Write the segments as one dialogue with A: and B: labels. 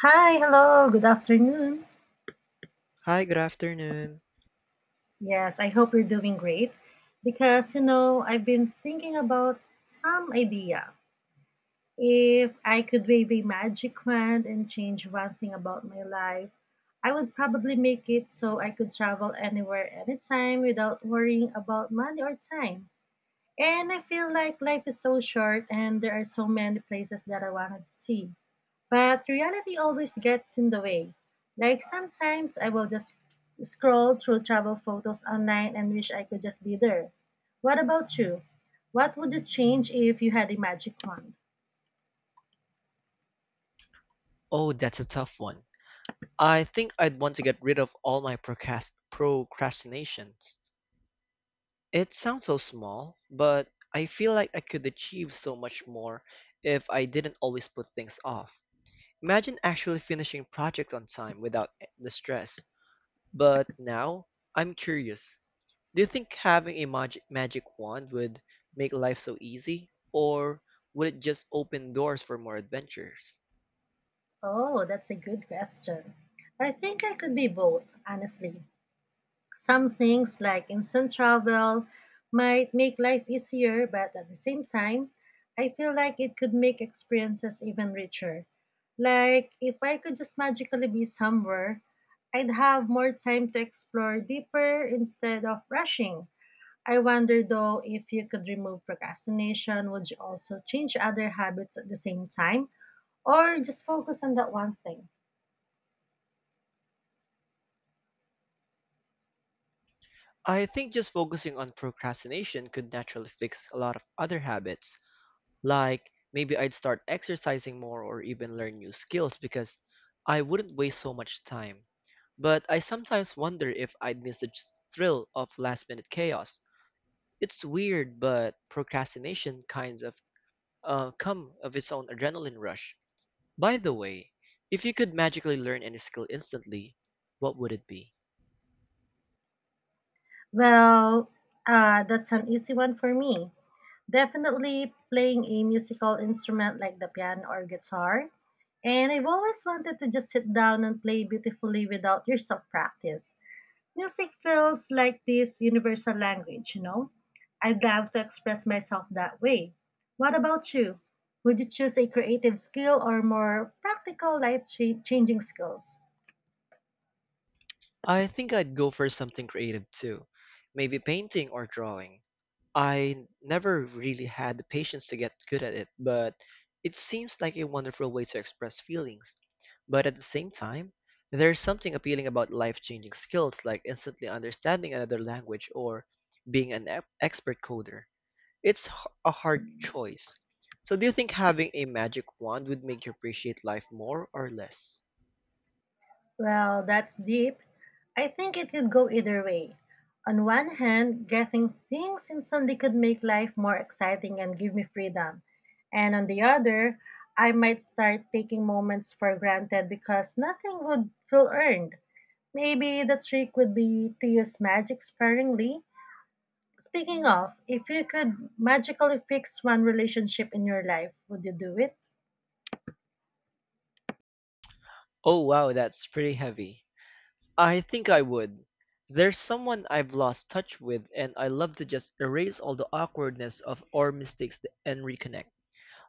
A: Hi, hello, good afternoon.
B: Hi, good afternoon.
A: Yes, I hope you're doing great because you know, I've been thinking about some idea. If I could wave a magic wand and change one thing about my life, I would probably make it so I could travel anywhere, anytime without worrying about money or time. And I feel like life is so short and there are so many places that I want to see. But reality always gets in the way. Like sometimes I will just scroll through travel photos online and wish I could just be there. What about you? What would you change if you had a magic wand?
B: Oh, that's a tough one. I think I'd want to get rid of all my procrastinations. It sounds so small, but I feel like I could achieve so much more if I didn't always put things off. Imagine actually finishing projects on time without the stress. But now, I'm curious. Do you think having a magic wand would make life so easy, or would it just open doors for more adventures?
A: Oh, that's a good question. I think I could be both, honestly. Some things like instant travel might make life easier, but at the same time, I feel like it could make experiences even richer. Like if I could just magically be somewhere, I'd have more time to explore deeper instead of rushing. I wonder though if you could remove procrastination, would you also change other habits at the same time or just focus on that one thing?
B: I think just focusing on procrastination could naturally fix a lot of other habits. Like maybe I'd start exercising more or even learn new skills because I wouldn't waste so much time. But I sometimes wonder if I'd miss the thrill of last minute chaos. It's weird, but procrastination kinds of come of its own adrenaline rush. By the way, if you could magically learn any skill instantly, what would it be?
A: Well, that's an easy one for me. Definitely playing a musical instrument like the piano or guitar. And I've always wanted to just sit down and play beautifully without years of practice. Music feels like this universal language, you know? I'd love to express myself that way. What about you? Would you choose a creative skill or more practical changing skills?
B: I think I'd go for something creative too, maybe painting or drawing. I never really had the patience to get good at it, but it seems like a wonderful way to express feelings. But at the same time, there's something appealing about life-changing skills like instantly understanding another language or being an expert coder. It's a hard choice. So do you think having a magic wand would make you appreciate life more or less?
A: Well, that's deep. I think it could go either way. On one hand, getting things instantly could make life more exciting and give me freedom. And on the other, I might start taking moments for granted because nothing would feel earned. Maybe the trick would be to use magic sparingly. Speaking of, if you could magically fix one relationship in your life, would you do it?
B: Oh wow, that's pretty heavy. I think I would. There's someone I've lost touch with, and I love to just erase all the awkwardness of or mistakes and reconnect.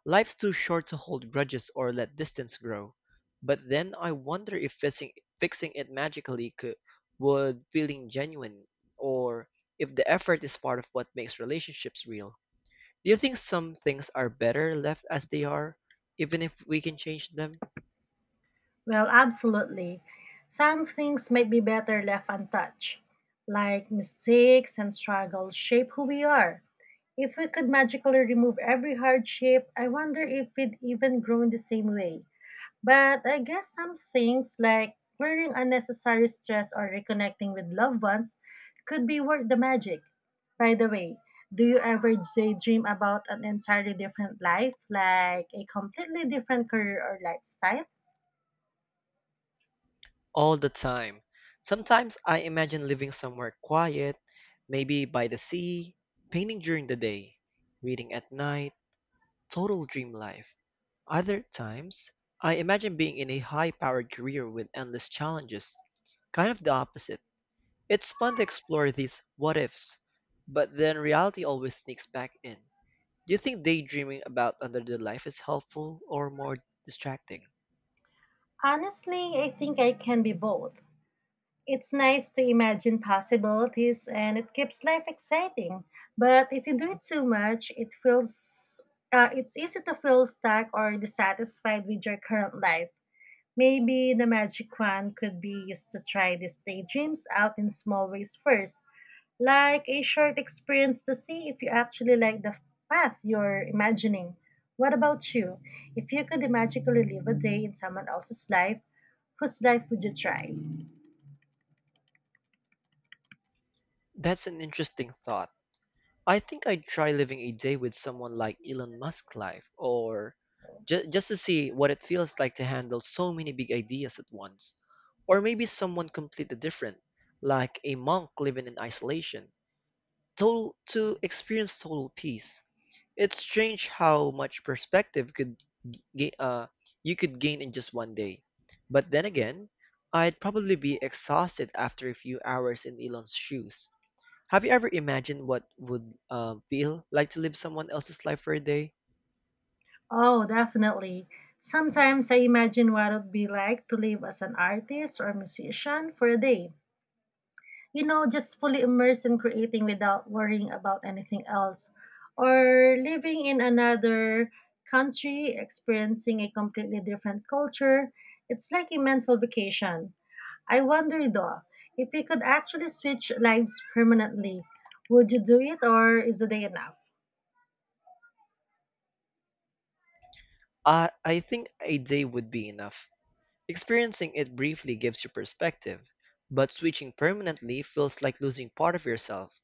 B: Life's too short to hold grudges or let distance grow. But then I wonder if fixing it magically could would feeling genuine, or if the effort is part of what makes relationships real. Do you think some things are better left as they are, even if we can change them?
A: Well, absolutely. Some things might be better left untouched, like mistakes and struggles shape who we are. If we could magically remove every hardship, I wonder if we'd even grow in the same way. But I guess some things, like clearing unnecessary stress or reconnecting with loved ones, could be worth the magic. By the way, do you ever daydream about an entirely different life, like a completely different career or lifestyle?
B: All the time. Sometimes I imagine living somewhere quiet, maybe by the sea, painting during the day, reading at night, total dream life. Other times, I imagine being in a high powered career with endless challenges, kind of the opposite. It's fun to explore these what ifs, but then reality always sneaks back in. Do you think daydreaming about another life is helpful or more distracting?
A: Honestly, I think I can be both. It's nice to imagine possibilities and it keeps life exciting. But if you do it too much, it's easy to feel stuck or dissatisfied with your current life. Maybe the magic one could be used to try these daydreams out in small ways first, like a short experience to see if you actually like the path you're imagining. What about you? If you could magically live a day in someone else's life, whose life would you try?
B: That's an interesting thought. I think I'd try living a day with someone like Elon Musk life, or just to see what it feels like to handle so many big ideas at once. Or maybe someone completely different, like a monk living in isolation, total, to experience total peace. It's strange how much perspective could ga- uh, you could gain in just one day. But then again, I'd probably be exhausted after a few hours in Elon's shoes. Have you ever imagined what would feel like to live someone else's life for a day?
A: Oh, definitely. Sometimes I imagine what it would be like to live as an artist or musician for a day. You know, just fully immersed in creating without worrying about anything else. Or living in another country, experiencing a completely different culture. It's like a mental vacation. I wonder though, if you could actually switch lives permanently, would you do it or is a day enough?
B: I think a day would be enough. Experiencing it briefly gives you perspective, but switching permanently feels like losing part of yourself.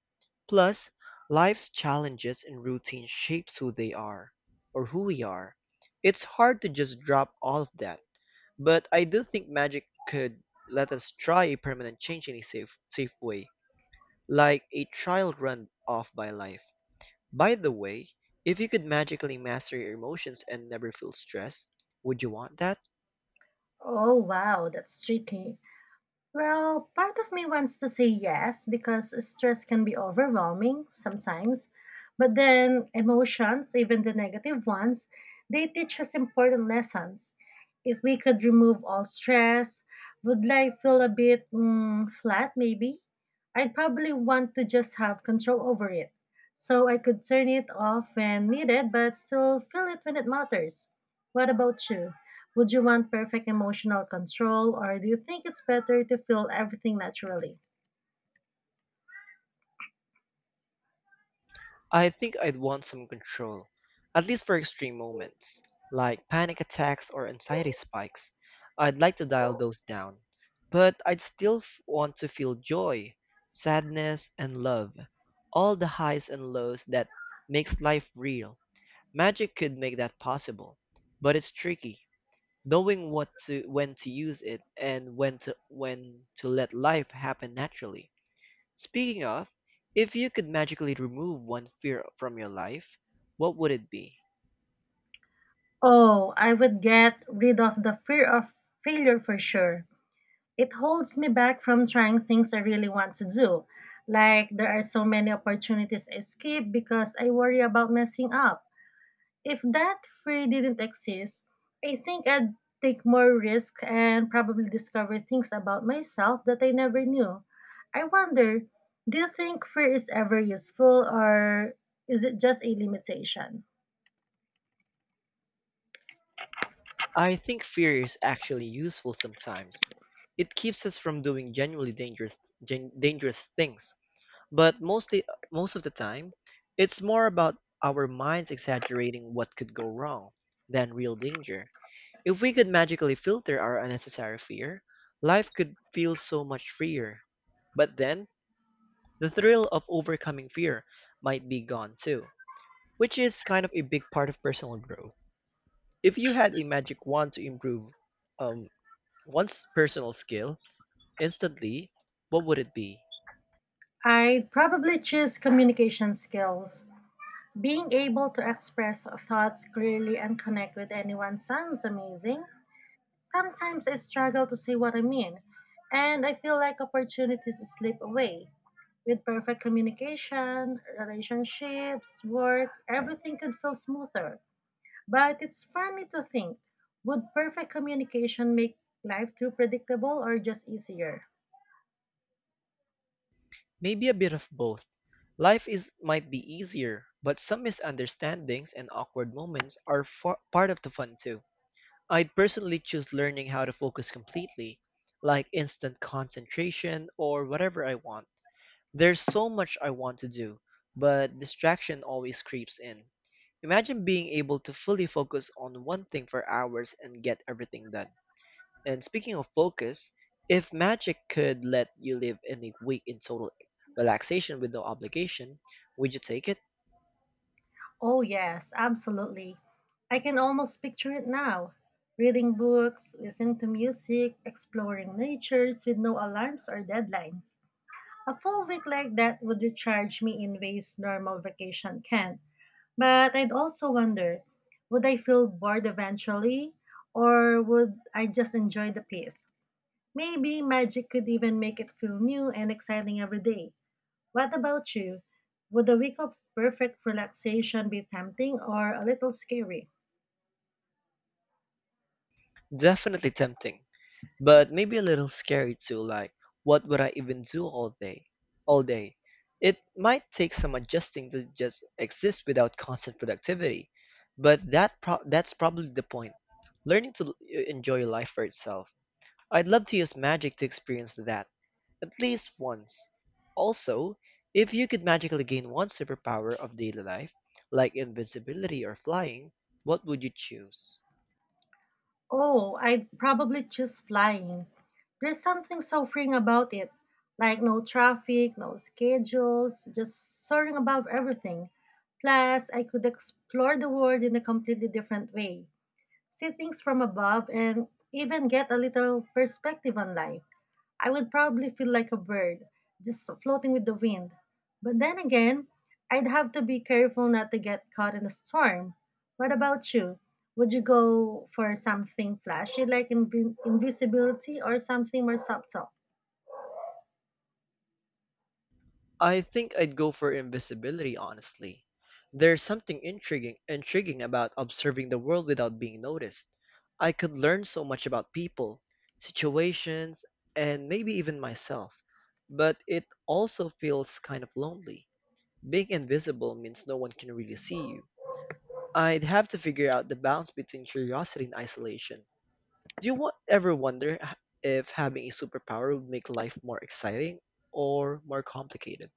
B: Plus, life's challenges and routine shapes who they are, or who we are. It's hard to just drop all of that, but I do think magic could let us try a permanent change in a safe way, like a trial run off by life. By the way, if you could magically master your emotions and never feel stress, would you want that?
A: Oh, wow, that's tricky. Well, part of me wants to say yes because stress can be overwhelming sometimes. But then emotions, even the negative ones, they teach us important lessons. If we could remove all stress, would life feel a bit flat maybe? I'd probably want to just have control over it, so I could turn it off when needed, but still feel it when it matters. What about you? Would you want perfect emotional control, or do you think it's better to feel everything naturally?
B: I think I'd want some control, at least for extreme moments, like panic attacks or anxiety spikes. I'd like to dial those down, but I'd still want to feel joy, sadness, and love, all the highs and lows that makes life real. Magic could make that possible, but it's tricky. Knowing what to when to use it and when to let life happen naturally. Speaking of, if you could magically remove one fear from your life, what would it be?
A: Oh, I would get rid of the fear of failure for sure. It holds me back from trying things I really want to do. Like, there are so many opportunities I skip because I worry about messing up. If that fear didn't exist, I think I'd take more risk and probably discover things about myself that I never knew. I wonder, do you think fear is ever useful or is it just a limitation?
B: I think fear is actually useful sometimes. It keeps us from doing genuinely dangerous dangerous things. But mostly most of the time, it's more about our minds exaggerating what could go wrong than real danger. If we could magically filter our unnecessary fear, life could feel so much freer. But then, the thrill of overcoming fear might be gone too, which is kind of a big part of personal growth. If you had a magic wand to improve um, one's personal skill instantly, what would it be?
A: I'd probably choose communication skills. Being able to express thoughts clearly and connect with anyone sounds amazing. Sometimes I struggle to say what I mean, and I feel like opportunities slip away. With perfect communication, relationships, work, everything could feel smoother. But it's funny to think, would perfect communication make life too predictable or just easier?
B: Maybe a bit of both. Life is might be easier, but some misunderstandings and awkward moments are far, part of the fun too. I'd personally choose learning how to focus completely, like instant concentration or whatever I want. There's so much I want to do, but distraction always creeps in. Imagine being able to fully focus on one thing for hours and get everything done. And speaking of focus, if magic could let you live in a week in total relaxation with no obligation, would you take it?
A: Oh, yes, absolutely. I can almost picture it now. Reading books, listening to music, exploring natures with no alarms or deadlines. A full week like that would recharge me in ways normal vacation can't. But I'd also wonder, would I feel bored eventually, or would I just enjoy the peace? Maybe magic could even make it feel new and exciting every day. What about you? Would a week of perfect relaxation be tempting or a little scary?
B: Definitely tempting, but maybe a little scary too. Like, what would I even do all day? It might take some adjusting to just exist without constant productivity, but that's probably the point, learning to enjoy life for itself. I'd love to use magic to experience that at least once. Also, if you could magically gain one superpower of daily life, like invincibility or flying, what would you choose?
A: Oh, I'd probably choose flying. There's something so freeing about it, like no traffic, no schedules, just soaring above everything. Plus, I could explore the world in a completely different way, see things from above, and even get a little perspective on life. I would probably feel like a bird, just floating with the wind. But then again, I'd have to be careful not to get caught in a storm. What about you? Would you go for something flashy like invisibility or something more subtle?
B: I think I'd go for invisibility, honestly. There's something intriguing about observing the world without being noticed. I could learn so much about people, situations, and maybe even myself. But it also feels kind of lonely. Being invisible means no one can really see you. I'd have to figure out the balance between curiosity and isolation. Do you ever wonder if having a superpower would make life more exciting or more complicated?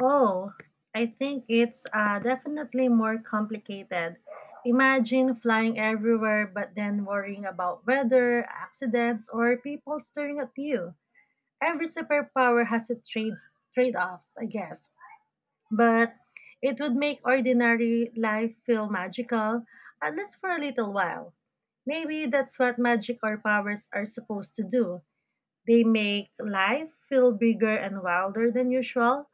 A: Oh, I think it's definitely more complicated. Imagine flying everywhere but then worrying about weather, accidents, or people staring at you. Every superpower has its trade-offs, I guess. But it would make ordinary life feel magical, at least for a little while. Maybe that's what magic or powers are supposed to do. They make life feel bigger and wilder than usual,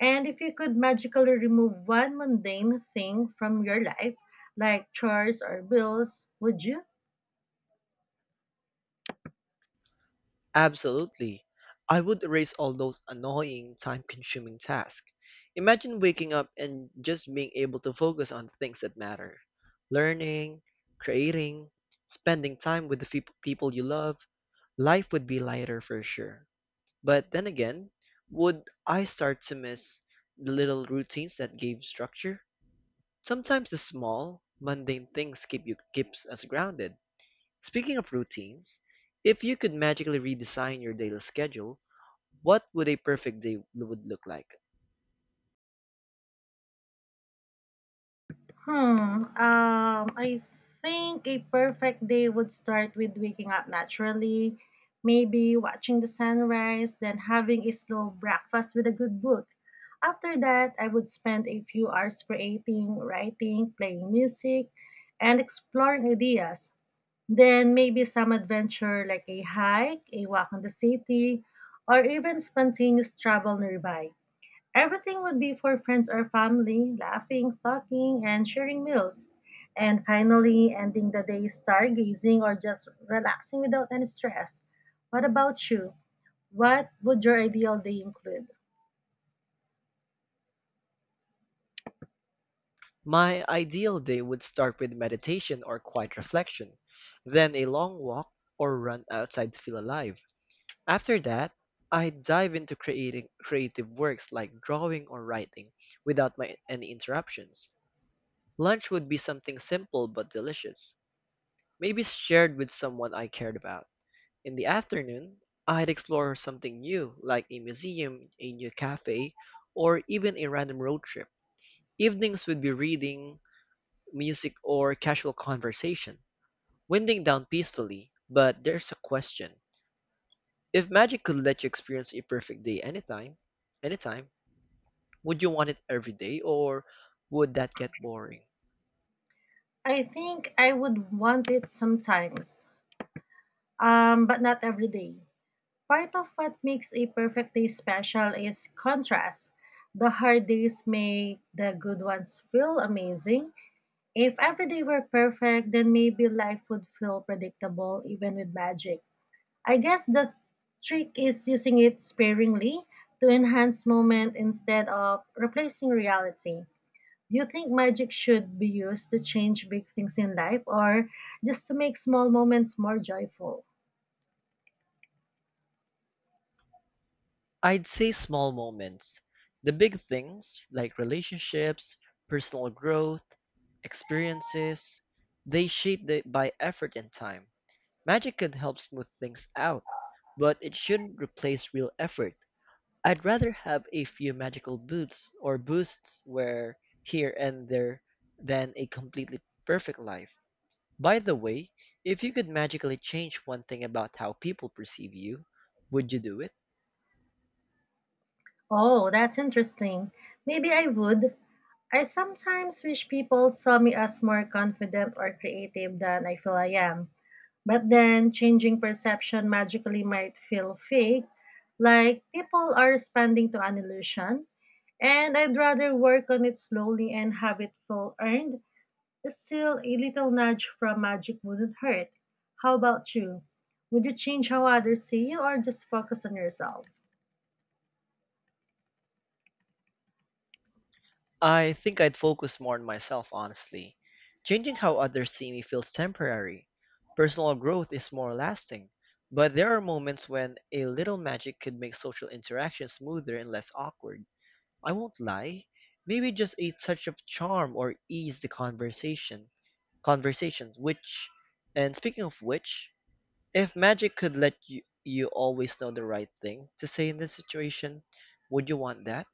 A: and if you could magically remove one mundane thing from your life, like chores or bills, would you?
B: Absolutely. I would erase all those annoying, time consuming tasks. Imagine waking up and just being able to focus on the things that matter: learning, creating, spending time with the feop people you love. Life would be lighter for sure. But then again, would I start to miss the little routines that gave structure? Sometimes the small, mundane things keeps us grounded. Speaking of routines, if you could magically redesign your daily schedule, what would a perfect day would look like?
A: Hmm. I think a perfect day would start with waking up naturally, maybe watching the sunrise, then having a slow breakfast with a good book. After that, I would spend a few hours creating, writing, playing music, and exploring ideas. Then maybe some adventure like a hike, a walk in the city, or even spontaneous travel nearby. Everything would be for friends or family, laughing, talking, and sharing meals. And finally, ending the day stargazing or just relaxing without any stress. What about you? What would your ideal day include?
B: My ideal day would start with meditation or quiet reflection, then a long walk or run outside to feel alive. After that, I dive into creating creative works like drawing or writing without my, any interruptions. Lunch would be something simple but delicious, maybe shared with someone I cared about. In the afternoon, I'd explore something new like a museum, a new cafe, or even a random road trip. Evenings would be reading, music, or casual conversation, winding down peacefully. But there's a question. If magic could let you experience a perfect day anytime, would you want it every day or would that get boring?
A: I think I would want it sometimes, but not every day. Part of what makes a perfect day special is contrast. The hard days make the good ones feel amazing. If every day were perfect, then maybe life would feel predictable even with magic. I guess the trick is using it sparingly to enhance moment instead of replacing reality. Do you think magic should be used to change big things in life or just to make small moments more joyful?
B: I'd say small moments. The big things like relationships, personal growth, experiences, they shape the, by effort and time. Magic can help smooth things out, but it shouldn't replace real effort. I'd rather have a few magical boots or boosts where here and there than a completely perfect life. By the way, if you could magically change one thing about how people perceive you, would you do it?
A: Oh, that's interesting. Maybe I would. I sometimes wish people saw me as more confident or creative than I feel I am. But then changing perception magically might feel fake, like people are responding to an illusion. And I'd rather work on it slowly and have it feel earned. Still, a little nudge from magic wouldn't hurt. How about you? Would you change how others see you or just focus on yourself?
B: I think I'd focus more on myself, honestly. Changing how others see me feels temporary. Personal growth is more lasting, but there are moments when a little magic could make social interaction smoother and less awkward. I won't lie. Maybe just a touch of charm or ease the conversation. Conversations, which, and speaking of which, if magic could let you always know the right thing to say in this situation, would you want that?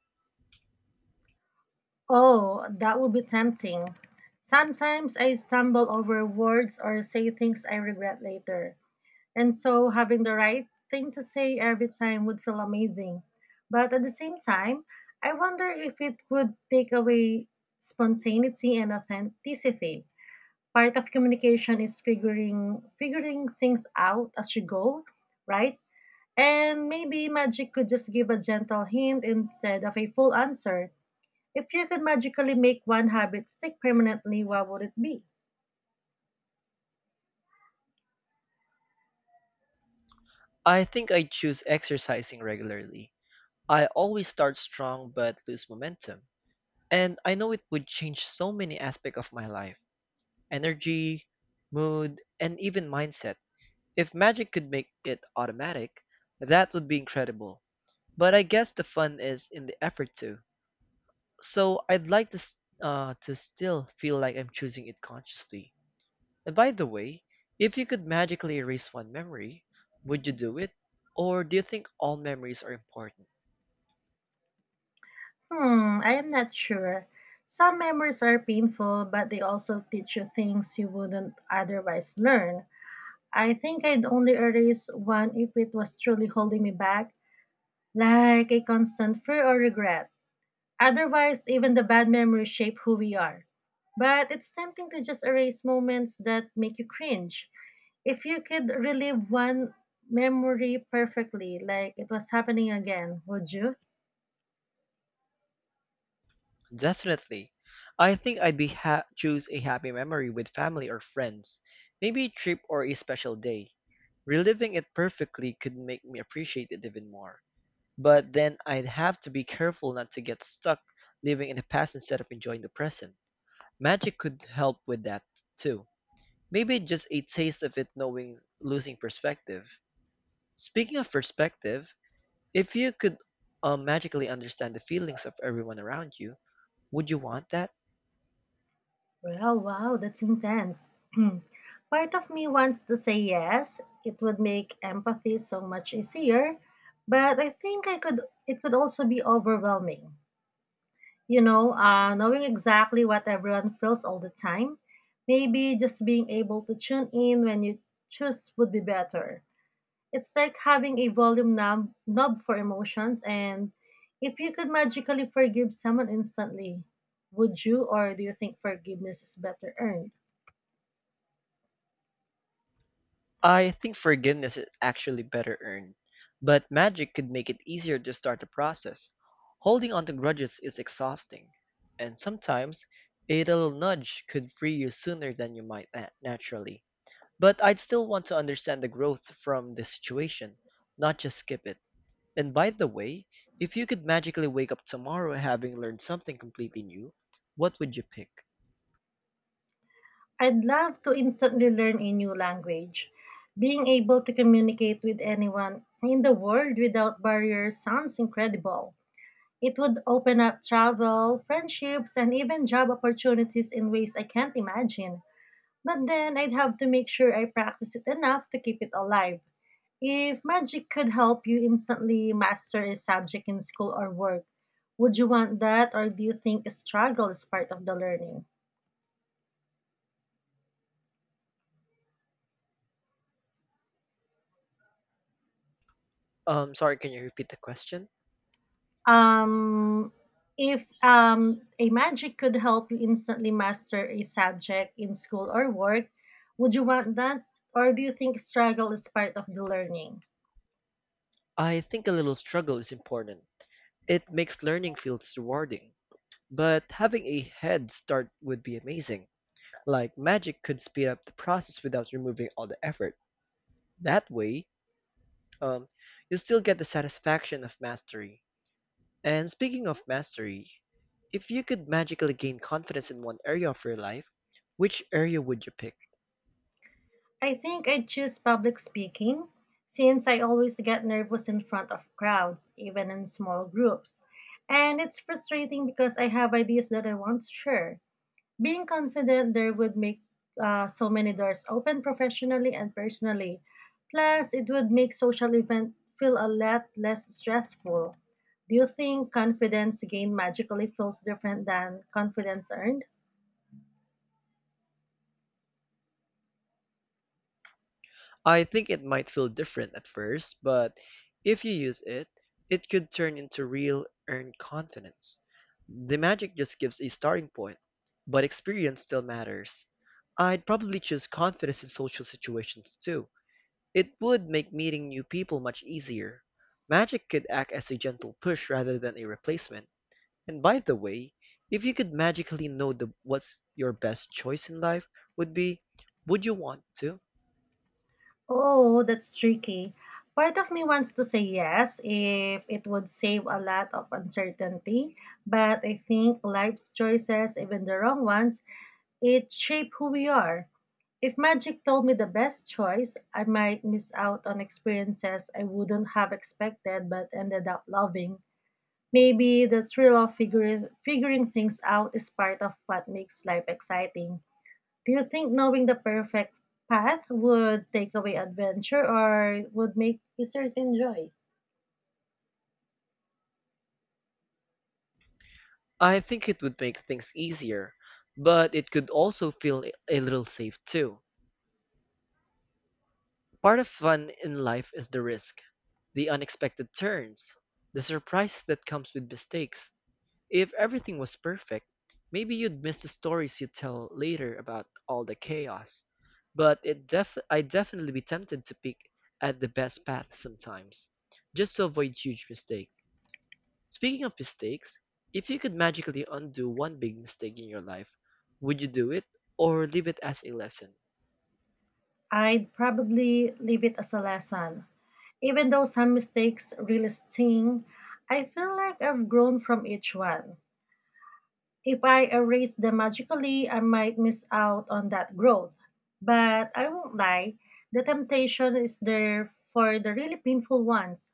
A: Oh, that would be tempting. Sometimes I stumble over words or say things I regret later. And so having the right thing to say every time would feel amazing. But at the same time, I wonder if it would take away spontaneity and authenticity. Part of communication is figuring things out as you go, right? And maybe magic could just give a gentle hint instead of a full answer. If you could magically make one habit stick permanently, what would it be?
B: I think I'd choose exercising regularly. I always start strong but lose momentum. And I know it would change so many aspects of my life: energy, mood, and even mindset. If magic could make it automatic, that would be incredible. But I guess the fun is in the effort too. So I'd like to, to still feel like I'm choosing it consciously. And by the way, if you could magically erase one memory, would you do it? Or do you think all memories are important?
A: Hmm, I am not sure. Some memories are painful, but they also teach you things you wouldn't otherwise learn. I think I'd only erase one if it was truly holding me back, like a constant fear or regret. Otherwise, even the bad memories shape who we are. But it's tempting to just erase moments that make you cringe. If you could relive one memory perfectly, like it was happening again, would you?
B: Definitely. I think I'd choose a happy memory with family or friends, maybe a trip or a special day. Reliving it perfectly could make me appreciate it even more. But then I'd have to be careful not to get stuck living in the past instead of enjoying the present. Magic could help with that too. Maybe just a taste of it knowing losing perspective. Speaking of perspective, if you could magically understand the feelings of everyone around you, would you want that?
A: Well, wow, that's intense. Part of me wants to say yes. It would make empathy so much easier, but I think I could it would also be overwhelming. Knowing exactly what everyone feels all the time, maybe just being able to tune in when you choose would be better. It's like having a volume knob for emotions. And if you could magically forgive someone instantly, would you, or do you think forgiveness is better earned?
B: I think forgiveness is actually better earned, but magic could make it easier to start the process. Holding on to grudges is exhausting, and sometimes a little nudge could free you sooner than you might naturally. But I'd still want to understand the growth from the situation, not just skip it. And by the way, if you could magically wake up tomorrow having learned something completely new, what would you pick?
A: I'd love to instantly learn a new language. Being able to communicate with anyone in the world without barriers sounds incredible. It would open up travel, friendships, and even job opportunities in ways I can't imagine. But then I'd have to make sure I practice it enough to keep it alive. If magic could help you instantly master a subject in school or work, would you want that, or do you think struggle is part of the learning?
B: Sorry, can you repeat the question?
A: Um if a magic could help you instantly master a subject in school or work, would you want that, or do you think struggle is part of the learning?
B: I think a little struggle is important. It makes learning feel rewarding, but having a head start would be amazing. Like magic could speed up the process without removing all the effort. That way, um, you still get the satisfaction of mastery. And speaking of mastery, if you could magically gain confidence in one area of your life, which area would you pick?
A: I think I'd choose public speaking, since I always get nervous in front of crowds, even in small groups. And it's frustrating because I have ideas that I want to share. Being confident there would make so many doors open professionally and personally. Plus, it would make social events feel a lot less stressful. Do you think confidence gained magically feels different than confidence earned?
B: I think it might feel different at first, but if you use it, it could turn into real earned confidence. The magic just gives a starting point, but experience still matters. I'd probably choose confidence in social situations too. It would make meeting new people much easier. Magic could act as a gentle push rather than a replacement. And by the way, if you could magically know the what's your best choice in life would be, would you want to?
A: Oh, that's tricky. Part of me wants to say yes if it would save a lot of uncertainty, but I think life's choices, even the wrong ones, it shape who we are. If magic told me the best choice, I might miss out on experiences I wouldn't have expected but ended up loving. Maybe the thrill of figuring things out is part of what makes life exciting. Do you think knowing the perfect path would take away adventure or would make certain joy?
B: I think it would make things easier, but it could also feel a little safe too. Part of fun in life is the risk, the unexpected turns, the surprise that comes with mistakes. If everything was perfect, maybe you'd miss the stories you'd tell later about all the chaos. But I'd definitely be tempted to pick at the best path sometimes, just to avoid huge mistake. Speaking of mistakes, if you could magically undo one big mistake in your life, would you do it or leave it as a lesson?
A: I'd probably leave it as a lesson. Even though some mistakes really sting, I feel like I've grown from each one. If I erase them magically, I might miss out on that growth. But I won't lie, the temptation is there for the really painful ones.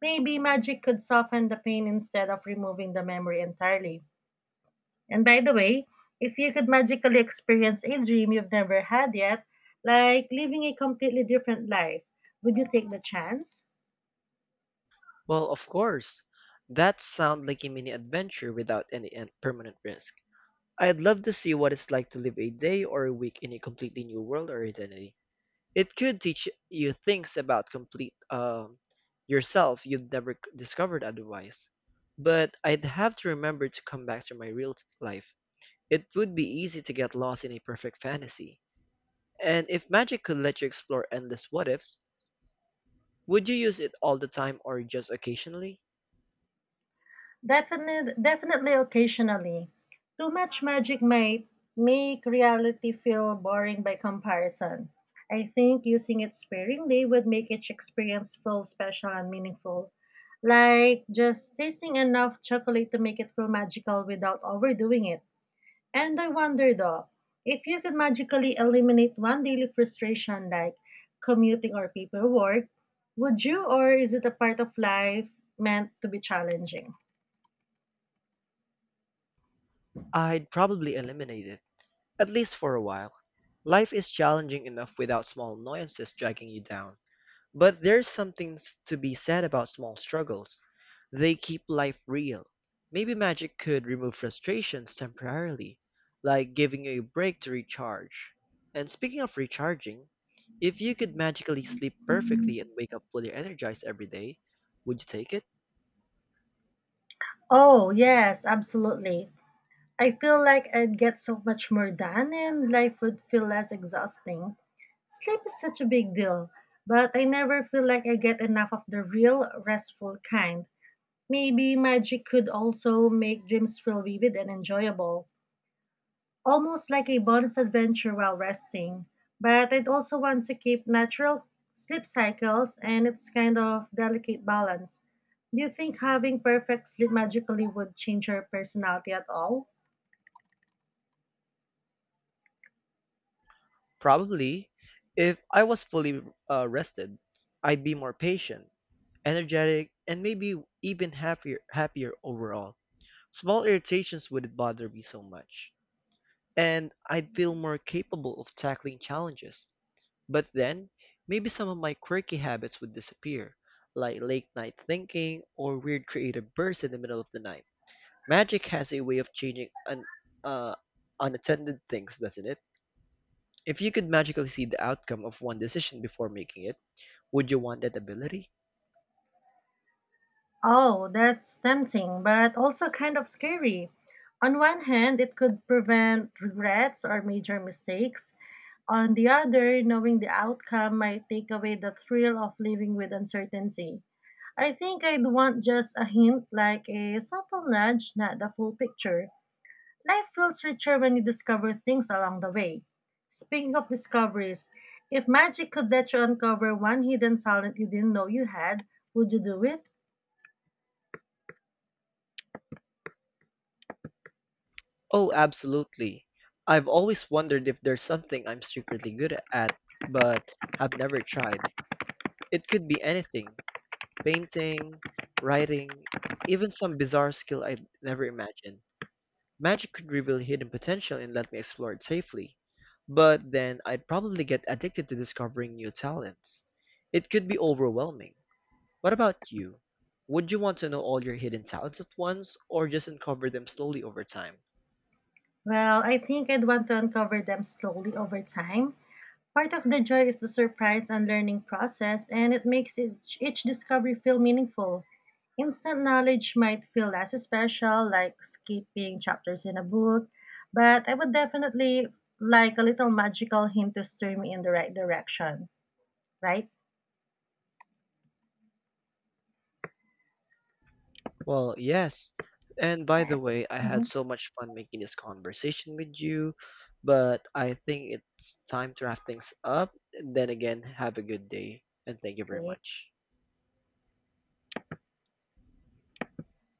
A: Maybe magic could soften the pain instead of removing the memory entirely. And by the way, if you could magically experience a dream you've never had yet, like living a completely different life, would you take the chance?
B: Well, of course. That sounds like a mini adventure without permanent risk. I'd love to see what it's like to live a day or a week in a completely new world or identity. It could teach you things about complete yourself you'd never discovered otherwise. But I'd have to remember to come back to my real life. It would be easy to get lost in a perfect fantasy. And if magic could let you explore endless what ifs, would you use it all the time or just occasionally?
A: Definitely occasionally. Too much magic might make reality feel boring by comparison. I think using it sparingly would make each experience feel special and meaningful. Like just tasting enough chocolate to make it feel magical without overdoing it. And I wonder though, if you could magically eliminate one daily frustration, like commuting or paperwork, would you, or is it a part of life meant to be challenging?
B: I'd probably eliminate it, at least for a while. Life is challenging enough without small annoyances dragging you down. But there's something to be said about small struggles. They keep life real. Maybe magic could remove frustrations temporarily, like giving you a break to recharge. And speaking of recharging, if you could magically sleep perfectly and wake up fully energized every day, would you take it?
A: Oh, yes, absolutely. I feel like I'd get so much more done, and life would feel less exhausting. Sleep is such a big deal, but I never feel like I get enough of the real restful kind. Maybe magic could also make dreams feel vivid and enjoyable, almost like a bonus adventure while resting. But I'd also want to keep natural sleep cycles and its kind of delicate balance. Do you think having perfect sleep magically would change your personality at all?
B: Probably. If I was fully rested, I'd be more patient, energetic, and maybe even happier overall. Small irritations wouldn't bother me so much, and I'd feel more capable of tackling challenges. But then, maybe some of my quirky habits would disappear, like late night thinking or weird creative bursts in the middle of the night. Magic has a way of changing uh, unattended things, doesn't it? If you could magically see the outcome of one decision before making it, would you want that ability?
A: Oh, that's tempting, but also kind of scary. On one hand, it could prevent regrets or major mistakes. On the other, knowing the outcome might take away the thrill of living with uncertainty. I think I'd want just a hint, like a subtle nudge, not the full picture. Life feels richer when you discover things along the way. Speaking of discoveries, if magic could let you uncover one hidden talent you didn't know you had, would you do it?
B: Oh, absolutely. I've always wondered if there's something I'm secretly good at, but have never tried. It could be anything: painting, writing, even some bizarre skill I'd never imagined. Magic could reveal hidden potential and let me explore it safely, but then I'd probably get addicted to discovering new talents. It could be overwhelming. What about you? Would you want to know all your hidden talents at once or just uncover them slowly over time?
A: Well, I think I'd want to uncover them slowly over time. Part of the joy is the surprise and learning process, and it makes each discovery feel meaningful. Instant knowledge might feel less special, like skipping chapters in a book, but I would definitely like a little magical hint to steer me in the right direction, right?
B: Well, yes. And by the way, I had
A: Mm-hmm.
B: so much fun making this conversation with you, but I think it's time to wrap things up. Then again, have a good day and thank you very much.